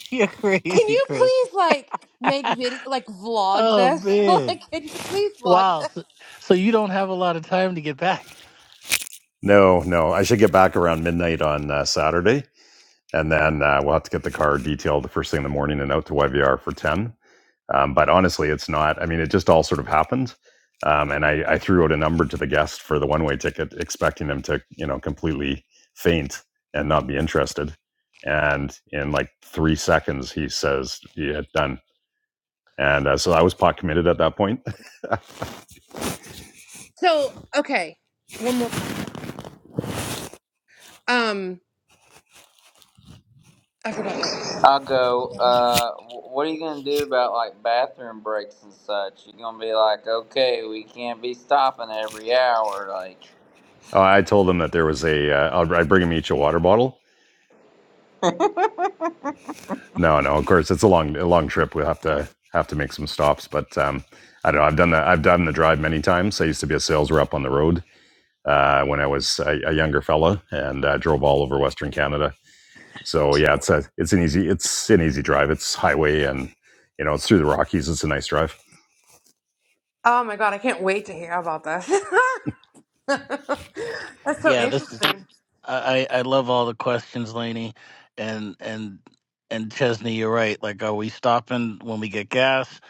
Speaker 1: [laughs] You're
Speaker 4: Can
Speaker 1: crazy,
Speaker 4: you
Speaker 1: Chris.
Speaker 4: please like make video like vlog
Speaker 1: Oh
Speaker 4: this? [laughs]
Speaker 1: man.
Speaker 4: like can you please vlog
Speaker 1: Wow.
Speaker 4: this?
Speaker 1: So, so you don't have a lot of time to get back.
Speaker 8: no, no, I should get back around midnight on uh, Saturday, and then uh, we'll have to get the car detailed the first thing in the morning and out to YVR for 10. Um, but honestly, it's not. I mean, it just all sort of happened. Um, and I, I threw out a number to the guest for the one-way ticket, expecting them to, you know, completely faint and not be interested. And in like three seconds, he says, "Yeah, done." And uh, so I was pot committed at that point. [laughs]
Speaker 4: So, okay. One more question. Um I forgot what it was.
Speaker 3: I'll go. Uh, wh- what are you gonna do about like bathroom breaks and such? You gonna be like, okay, we can't be stopping every hour, like.
Speaker 8: I told him that there was a. Uh, I'll, I bring him each a water bottle. No, no. Of course, it's a long, a long trip. We'll have to have to make some stops. But um, I don't know. I've done the I've done the drive many times. I used to be a sales rep on the road, uh, when I was a, a younger fella and uh, drove all over Western Canada. So yeah, it's a it's an easy it's an easy drive. It's highway and you know it's through the Rockies. It's a nice drive.
Speaker 4: Oh my god, I can't wait to hear about this. [laughs] That's so
Speaker 1: Yeah, this is
Speaker 4: interesting.
Speaker 1: I, I I love all the questions, Laney. And and and Chesney, you're right. Like are we stopping when we get gas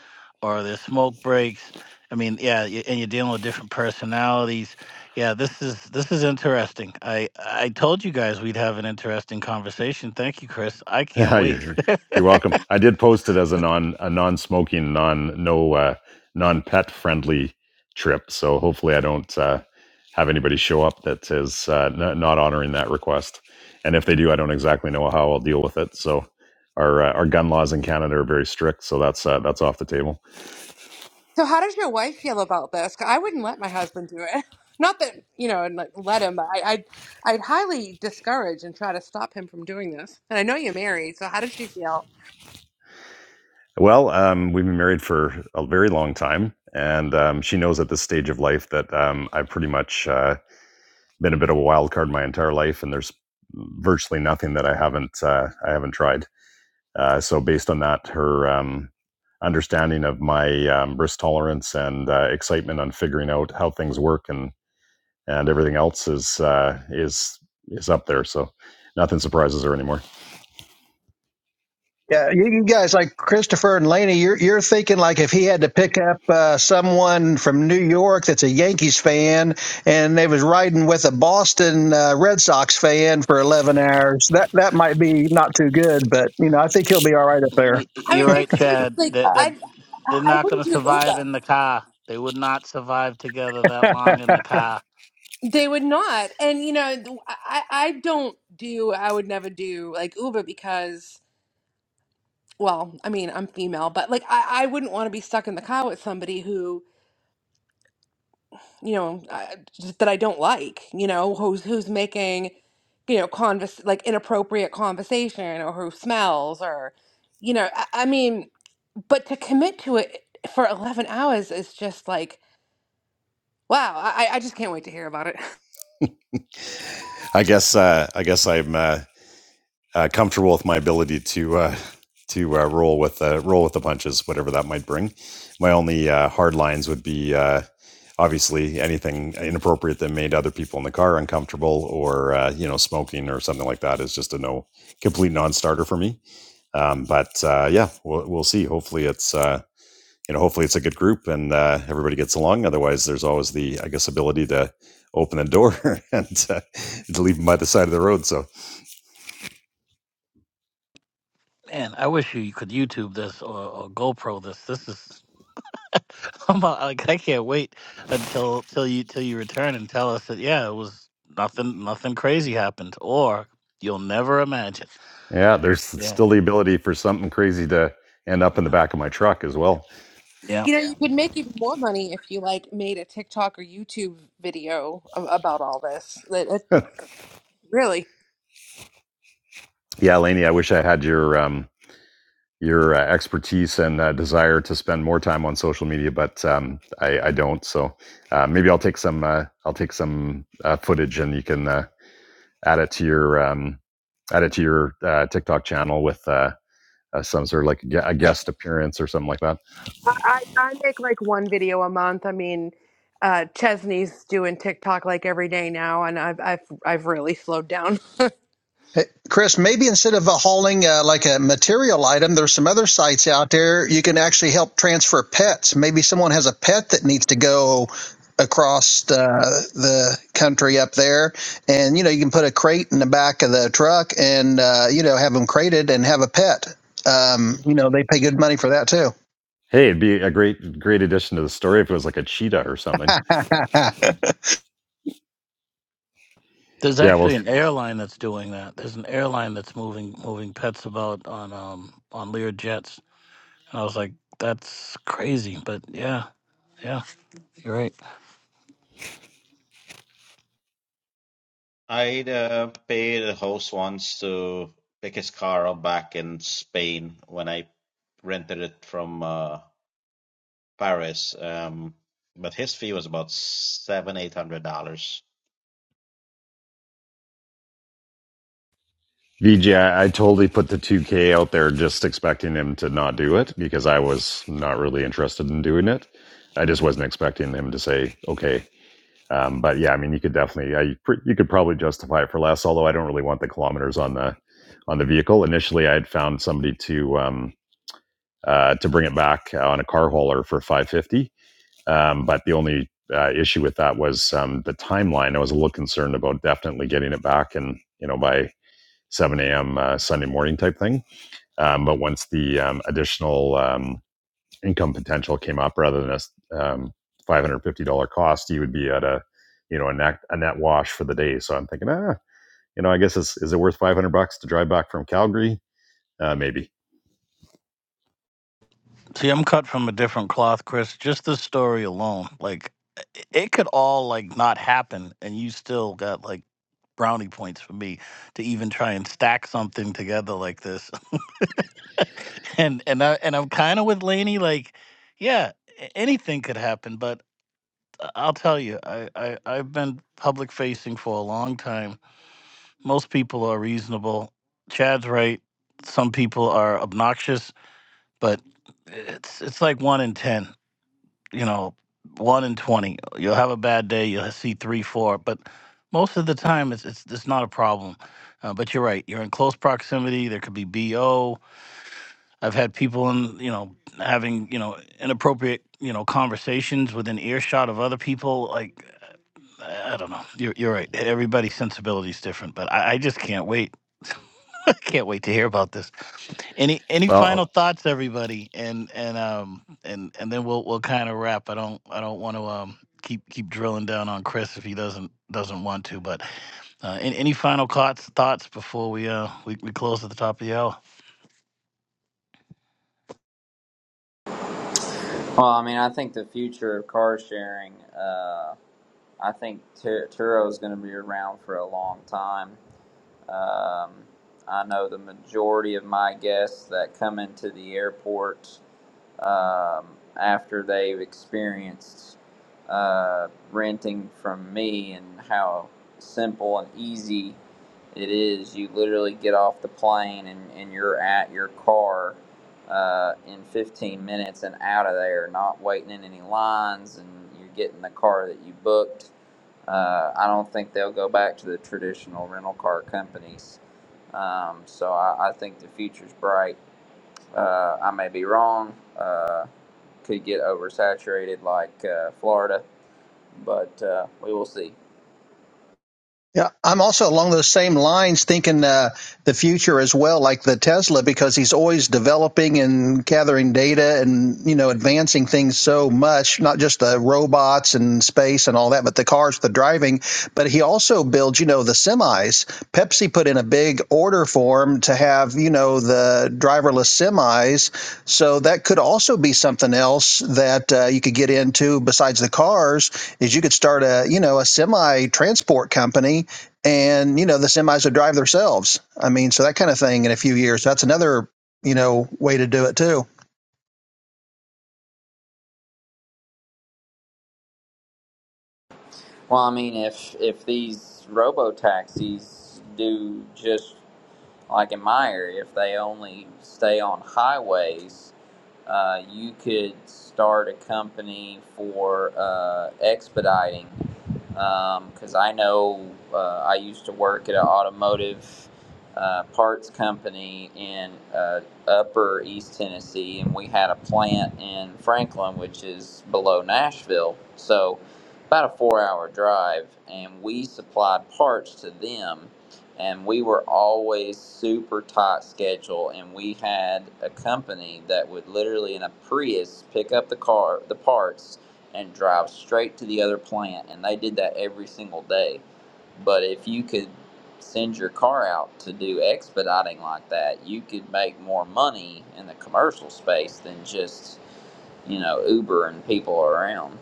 Speaker 1: or are there smoke breaks? I mean, yeah, y- and you're dealing with different personalities. Yeah, this is this is interesting. I I told you guys we'd have an interesting conversation. Thank you, Chris. I
Speaker 8: [laughs]
Speaker 1: can't wait.
Speaker 8: you're, you're welcome. I did post it as a non a non smoking non no uh, non pet friendly trip. So hopefully I don't uh, have anybody show up that is uh, not, not honoring that request. And if they do, I don't exactly know how I'll deal with it. So our uh, our gun laws in Canada are very strict. So that's uh, that's off the table.
Speaker 4: So how does your wife feel about this? 'Cause I wouldn't let my husband do it. [laughs] Not that, you know, and like let him, but I, I'd, I'd highly discourage and try to stop him from doing this. And I know you're married, so how does she feel?
Speaker 8: Well, um, we've been married for a very long time, and um, she knows at this stage of life that um, I've pretty much uh, been a bit of a wild card my entire life, and there's virtually nothing that I haven't uh, I haven't tried. Uh, so, based on that, her um, understanding of my um, risk tolerance and uh, excitement on figuring out how things work and and everything else is uh, is is up there. So, nothing surprises her anymore.
Speaker 2: Yeah, you, you guys like Christopher and Laney. You're you're thinking like if he had to pick up uh, someone from New York that's a Yankees fan, and they was riding with a Boston uh, Red Sox fan for eleven hours. That that might be not too good, but you know I think he'll be all right up there.
Speaker 1: Y- y-
Speaker 4: I
Speaker 1: You're
Speaker 4: mean,
Speaker 1: right,
Speaker 4: it's just
Speaker 1: Chad.
Speaker 4: like
Speaker 1: They're they're,
Speaker 4: I,
Speaker 1: they're
Speaker 4: I
Speaker 1: not going
Speaker 4: wouldn't
Speaker 1: to
Speaker 4: do
Speaker 1: survive
Speaker 4: Uber.
Speaker 1: in the car. They would not survive together that long in the car.
Speaker 4: They would not, and you know, th- I, I don't do, I would never do like Uber because, well, I mean, I'm female, but like I, I wouldn't want to be stuck in the car with somebody who you know, I, just that I don't like, you know, who's who's making, you know, convers like inappropriate conversation or who smells or, you know, I, I mean, but to commit to it for 11 hours is just like, wow, I, I just can't wait to hear about it. [laughs]
Speaker 8: I guess uh, I guess I'm uh, uh, comfortable with my ability to uh, to uh, roll with uh, roll with the punches, whatever that might bring. My only uh, hard lines would be uh, obviously anything inappropriate that made other people in the car uncomfortable, or uh, you know, smoking or something like that is just a no, complete non-starter for me. Um, but uh, yeah, we'll we'll see. Hopefully, it's. Uh, you know, hopefully it's a good group and uh, everybody gets along. Otherwise, there's always the, I guess, ability to open the door [laughs] and uh, to leave them by the side of the road. So
Speaker 1: Man, I wish you could YouTube this or, or GoPro this. This is [laughs] I'm about- like I can't wait until till you till you return and tell us that yeah, it was nothing nothing crazy happened or you'll never imagine.
Speaker 8: Yeah, there's
Speaker 1: Yeah.
Speaker 8: still the ability for something crazy to end up in the
Speaker 1: Yeah.
Speaker 8: back of my truck as well.
Speaker 1: Yeah.
Speaker 4: You know, you could make even more money if you like made a TikTok or YouTube video a- about all this. It, it- really.
Speaker 8: Yeah, Laney, I wish I had your um, your uh, expertise and uh, desire to spend more time on social media, but um, I, I don't. So uh, maybe I'll take some uh, I'll take some uh, footage and you can uh, add it to your um, add it to your uh, TikTok channel with uh, uh, some sort of like a guest appearance or something like that.
Speaker 4: I, I I make like one video a month. I mean, uh, Chesney's doing TikTok like every day now, and I've I've I've really slowed down. [laughs] Good
Speaker 2: Hey, Chris, maybe instead of uh, hauling uh, like a material item, there's some other sites out there you can actually help transfer pets. Maybe someone has a pet that needs to go across the, the country up there, and you know you can put a crate in the back of the truck and uh, you know have them crated and have a pet. Um, you know they pay good money for that too.
Speaker 8: Hey, it'd be a great great addition to the story if it was like a cheetah or something.
Speaker 2: [laughs]
Speaker 1: There's
Speaker 8: Yeah, well,
Speaker 1: actually an airline that's doing that. There's an airline that's moving moving pets about on um on Lear jets I was like, that's crazy. But yeah, yeah, you're right.
Speaker 7: I'd uh, paid a host once to pick his car up back in Spain when I rented it from uh, Paris. Um, but his fee was about seven, eight hundred dollars.
Speaker 8: VG, I, I totally put the 2K out there just expecting him to not do it because I was not really interested in doing it. I just wasn't expecting him to say okay. Um, but yeah, I mean, you could definitely, I, you could probably justify it for less. Although I don't really want the kilometers on the on the vehicle. Initially, I had found somebody to um, uh, to bring it back on a car hauler for 550. Um, but the only uh, issue with that was um, the timeline. I was a little concerned about definitely getting it back and you know by 7 a.m. Uh, Sunday morning type thing. Um, but once the um, additional um, income potential came up, rather than a um, $550 cost, you would be at a you know a net, a net wash for the day. So I'm thinking, ah, you know, I guess is is it worth 500 bucks to drive back from Calgary? Uh, maybe.
Speaker 1: See, I'm cut from a different cloth, Chris. Just the story alone, like i- it could all like not happen, and you still got like brownie points for me to even try and stack something together like this. [laughs] and and I and I'm kind of with Laney. Like, yeah, a- anything could happen, but I- I'll tell you, I, I I've been public facing for a long time most people are reasonable. Chad's right. Some people are obnoxious, but it's it's like one in ten. You know, one in twenty. You'll have a bad day. You'll see three, four, but most of the time, it's it's, it's not a problem. Uh, but you're right. You're in close proximity. There could be bo. I've had people in you know having you know inappropriate you know conversations within earshot of other people. Like I I don't know. You're, you're right. E, Everybody's sensibility is different, but I, I just can't wait. [laughs] I can't wait to hear about this. Any any
Speaker 8: Well,
Speaker 1: final thoughts, everybody? And and um and and then we'll we'll kind of wrap. I don't I don't want to um keep keep drilling down on Chris if he doesn't doesn't want to. But uh, any, any final thoughts thoughts before we uh we, we close at the top of the hour?
Speaker 3: Well, I mean, I think the future of car sharing. Uh, I think Tur- Turo is gonna be around for a long time. Um, I know the majority of my guests that come into the airport um, after they've experienced uh, renting from me and how simple and easy it is. You literally get off the plane and, and you're at your car uh, in 15 minutes and out of there, not waiting in any lines, and you're getting the car that you booked. Uh, I don't think they'll go back to the traditional rental car companies. Um, so I, I think the future's bright. Uh, I may be wrong. Uh, could get oversaturated like uh, Florida, but uh, we will see.
Speaker 2: Yeah, I'm also along those same lines thinking uh, the future as well, like the Tesla, because he's always developing and gathering data and, you know, advancing things so much, not just the robots and space and all that, but the cars, the driving. But he also builds, you know, the semis. Pepsi put in a big order for him to have, you know, the driverless semis. So that could also be something else that uh, you could get into besides the cars is you could start a you know a semi transport company and you know the semis would drive themselves i mean so that kind of thing in a few years that's another you know way to do it too
Speaker 3: Well, I mean, if if these robo taxis do just Like in my area, if they only stay on highways, uh, you could start a company for uh, expediting. Because um, I know uh, I used to work at an automotive uh, parts company in uh, upper East Tennessee, and we had a plant in Franklin, which is below Nashville. So about a four hour drive, and we supplied parts to them and we were always super tight schedule and we had a company that would literally in a prius pick up the car the parts and drive straight to the other plant and they did that every single day but if you could send your car out to do expediting like that you could make more money in the commercial space than just you know uber and people around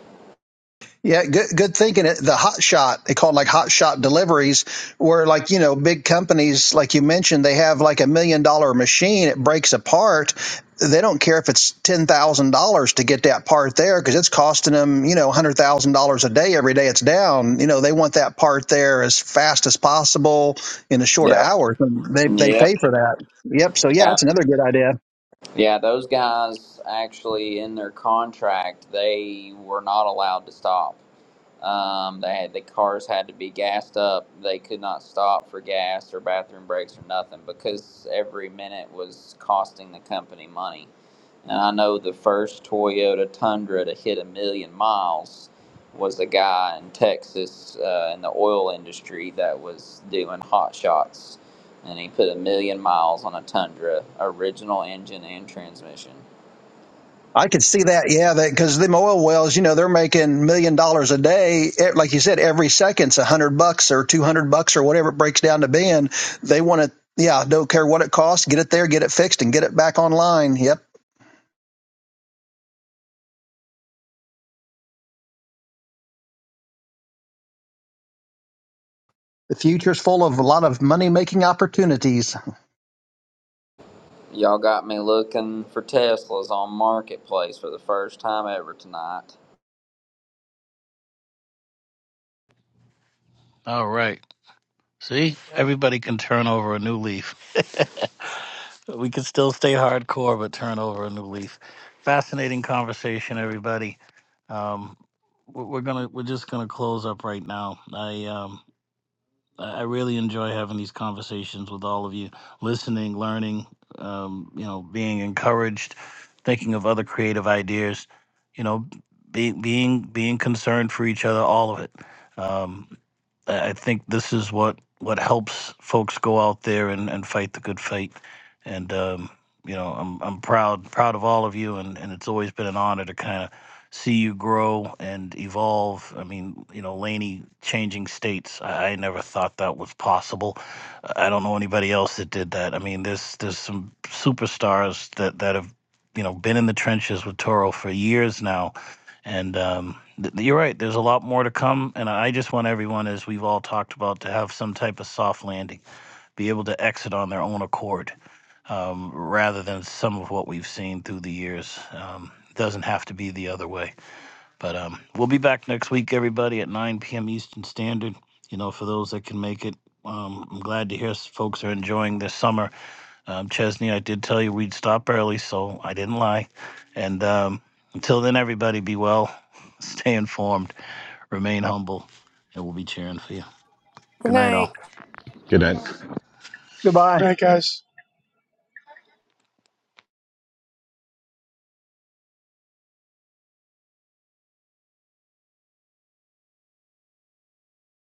Speaker 2: Yeah, good good thinking. The hot shot, they call it like hot shot deliveries, where like, you know, big companies, like you mentioned, they have like a million dollar machine, it breaks apart. They don't care if it's $10,000 to get that part there because it's costing them, you know, $100,000 a day every day it's down. You know, they want that part there as fast as possible in the short of
Speaker 3: Yep.
Speaker 2: hours. And they, they
Speaker 3: yep
Speaker 2: pay for that. Yep. So, yeah,
Speaker 3: Yeah.
Speaker 2: that's another good idea.
Speaker 3: Yeah, those guys actually in their contract, they were not allowed to stop. Um, they had the cars had to be gassed up. They could not stop for gas or bathroom breaks or nothing because every minute was costing the company money. And I know the first Toyota Tundra to hit a million miles was a guy in Texas uh, in the oil industry that was doing hot shots, and he put a million miles on a Tundra, original engine and transmission.
Speaker 2: I could see that, yeah, that because them oil wells, you know, they're making million dollars a day. E- Like you said, every second's a hundred bucks or two hundred bucks or whatever it breaks down to being. They want to, yeah, don't care what it costs, get it there, get it fixed, and get it back online. Yep, the future's full of a lot of money making opportunities.
Speaker 3: Y'all got me looking for Teslas on Marketplace for the first time ever tonight.
Speaker 1: All right. See, everybody can turn over a new leaf. We could still stay hardcore, but turn over a new leaf. Fascinating conversation, everybody. Um, we're we're gonna we're just gonna close up right now. I um, I I really enjoy having these conversations with all of you, listening, learning, um, you know, being encouraged, thinking of other creative ideas, you know, being being being concerned for each other, all of it. Um, I I think this is what what helps folks go out there and, and fight the good fight. And um, you know, I'm I'm proud proud of all of you, and, and it's always been an honor to kind of see you grow and evolve. I mean, you know, Laney changing states. I, I never thought that was possible. I don't know anybody else that did that. I mean, there's there's some superstars that that have you know been in the trenches with Toro for years now, and um, th- you're right. There's a lot more to come, and I just want everyone, as we've all talked about, to have some type of soft landing, be able to exit on their own accord um, rather than some of what we've seen through the years. Um, doesn't have to be the other way. But um, we'll be back next week, everybody, at 9 p.m. Eastern Standard. You know, for those that can make it, um, I'm glad to hear s- folks are enjoying this summer. Um, Chesney, I did tell you we'd stop early, so I didn't lie. And um, until then, everybody, be well, [laughs] stay informed, remain humble, and we'll be cheering for you. Good night,
Speaker 4: night.
Speaker 1: all.
Speaker 8: good night.
Speaker 2: Goodbye.
Speaker 9: Good night, guys.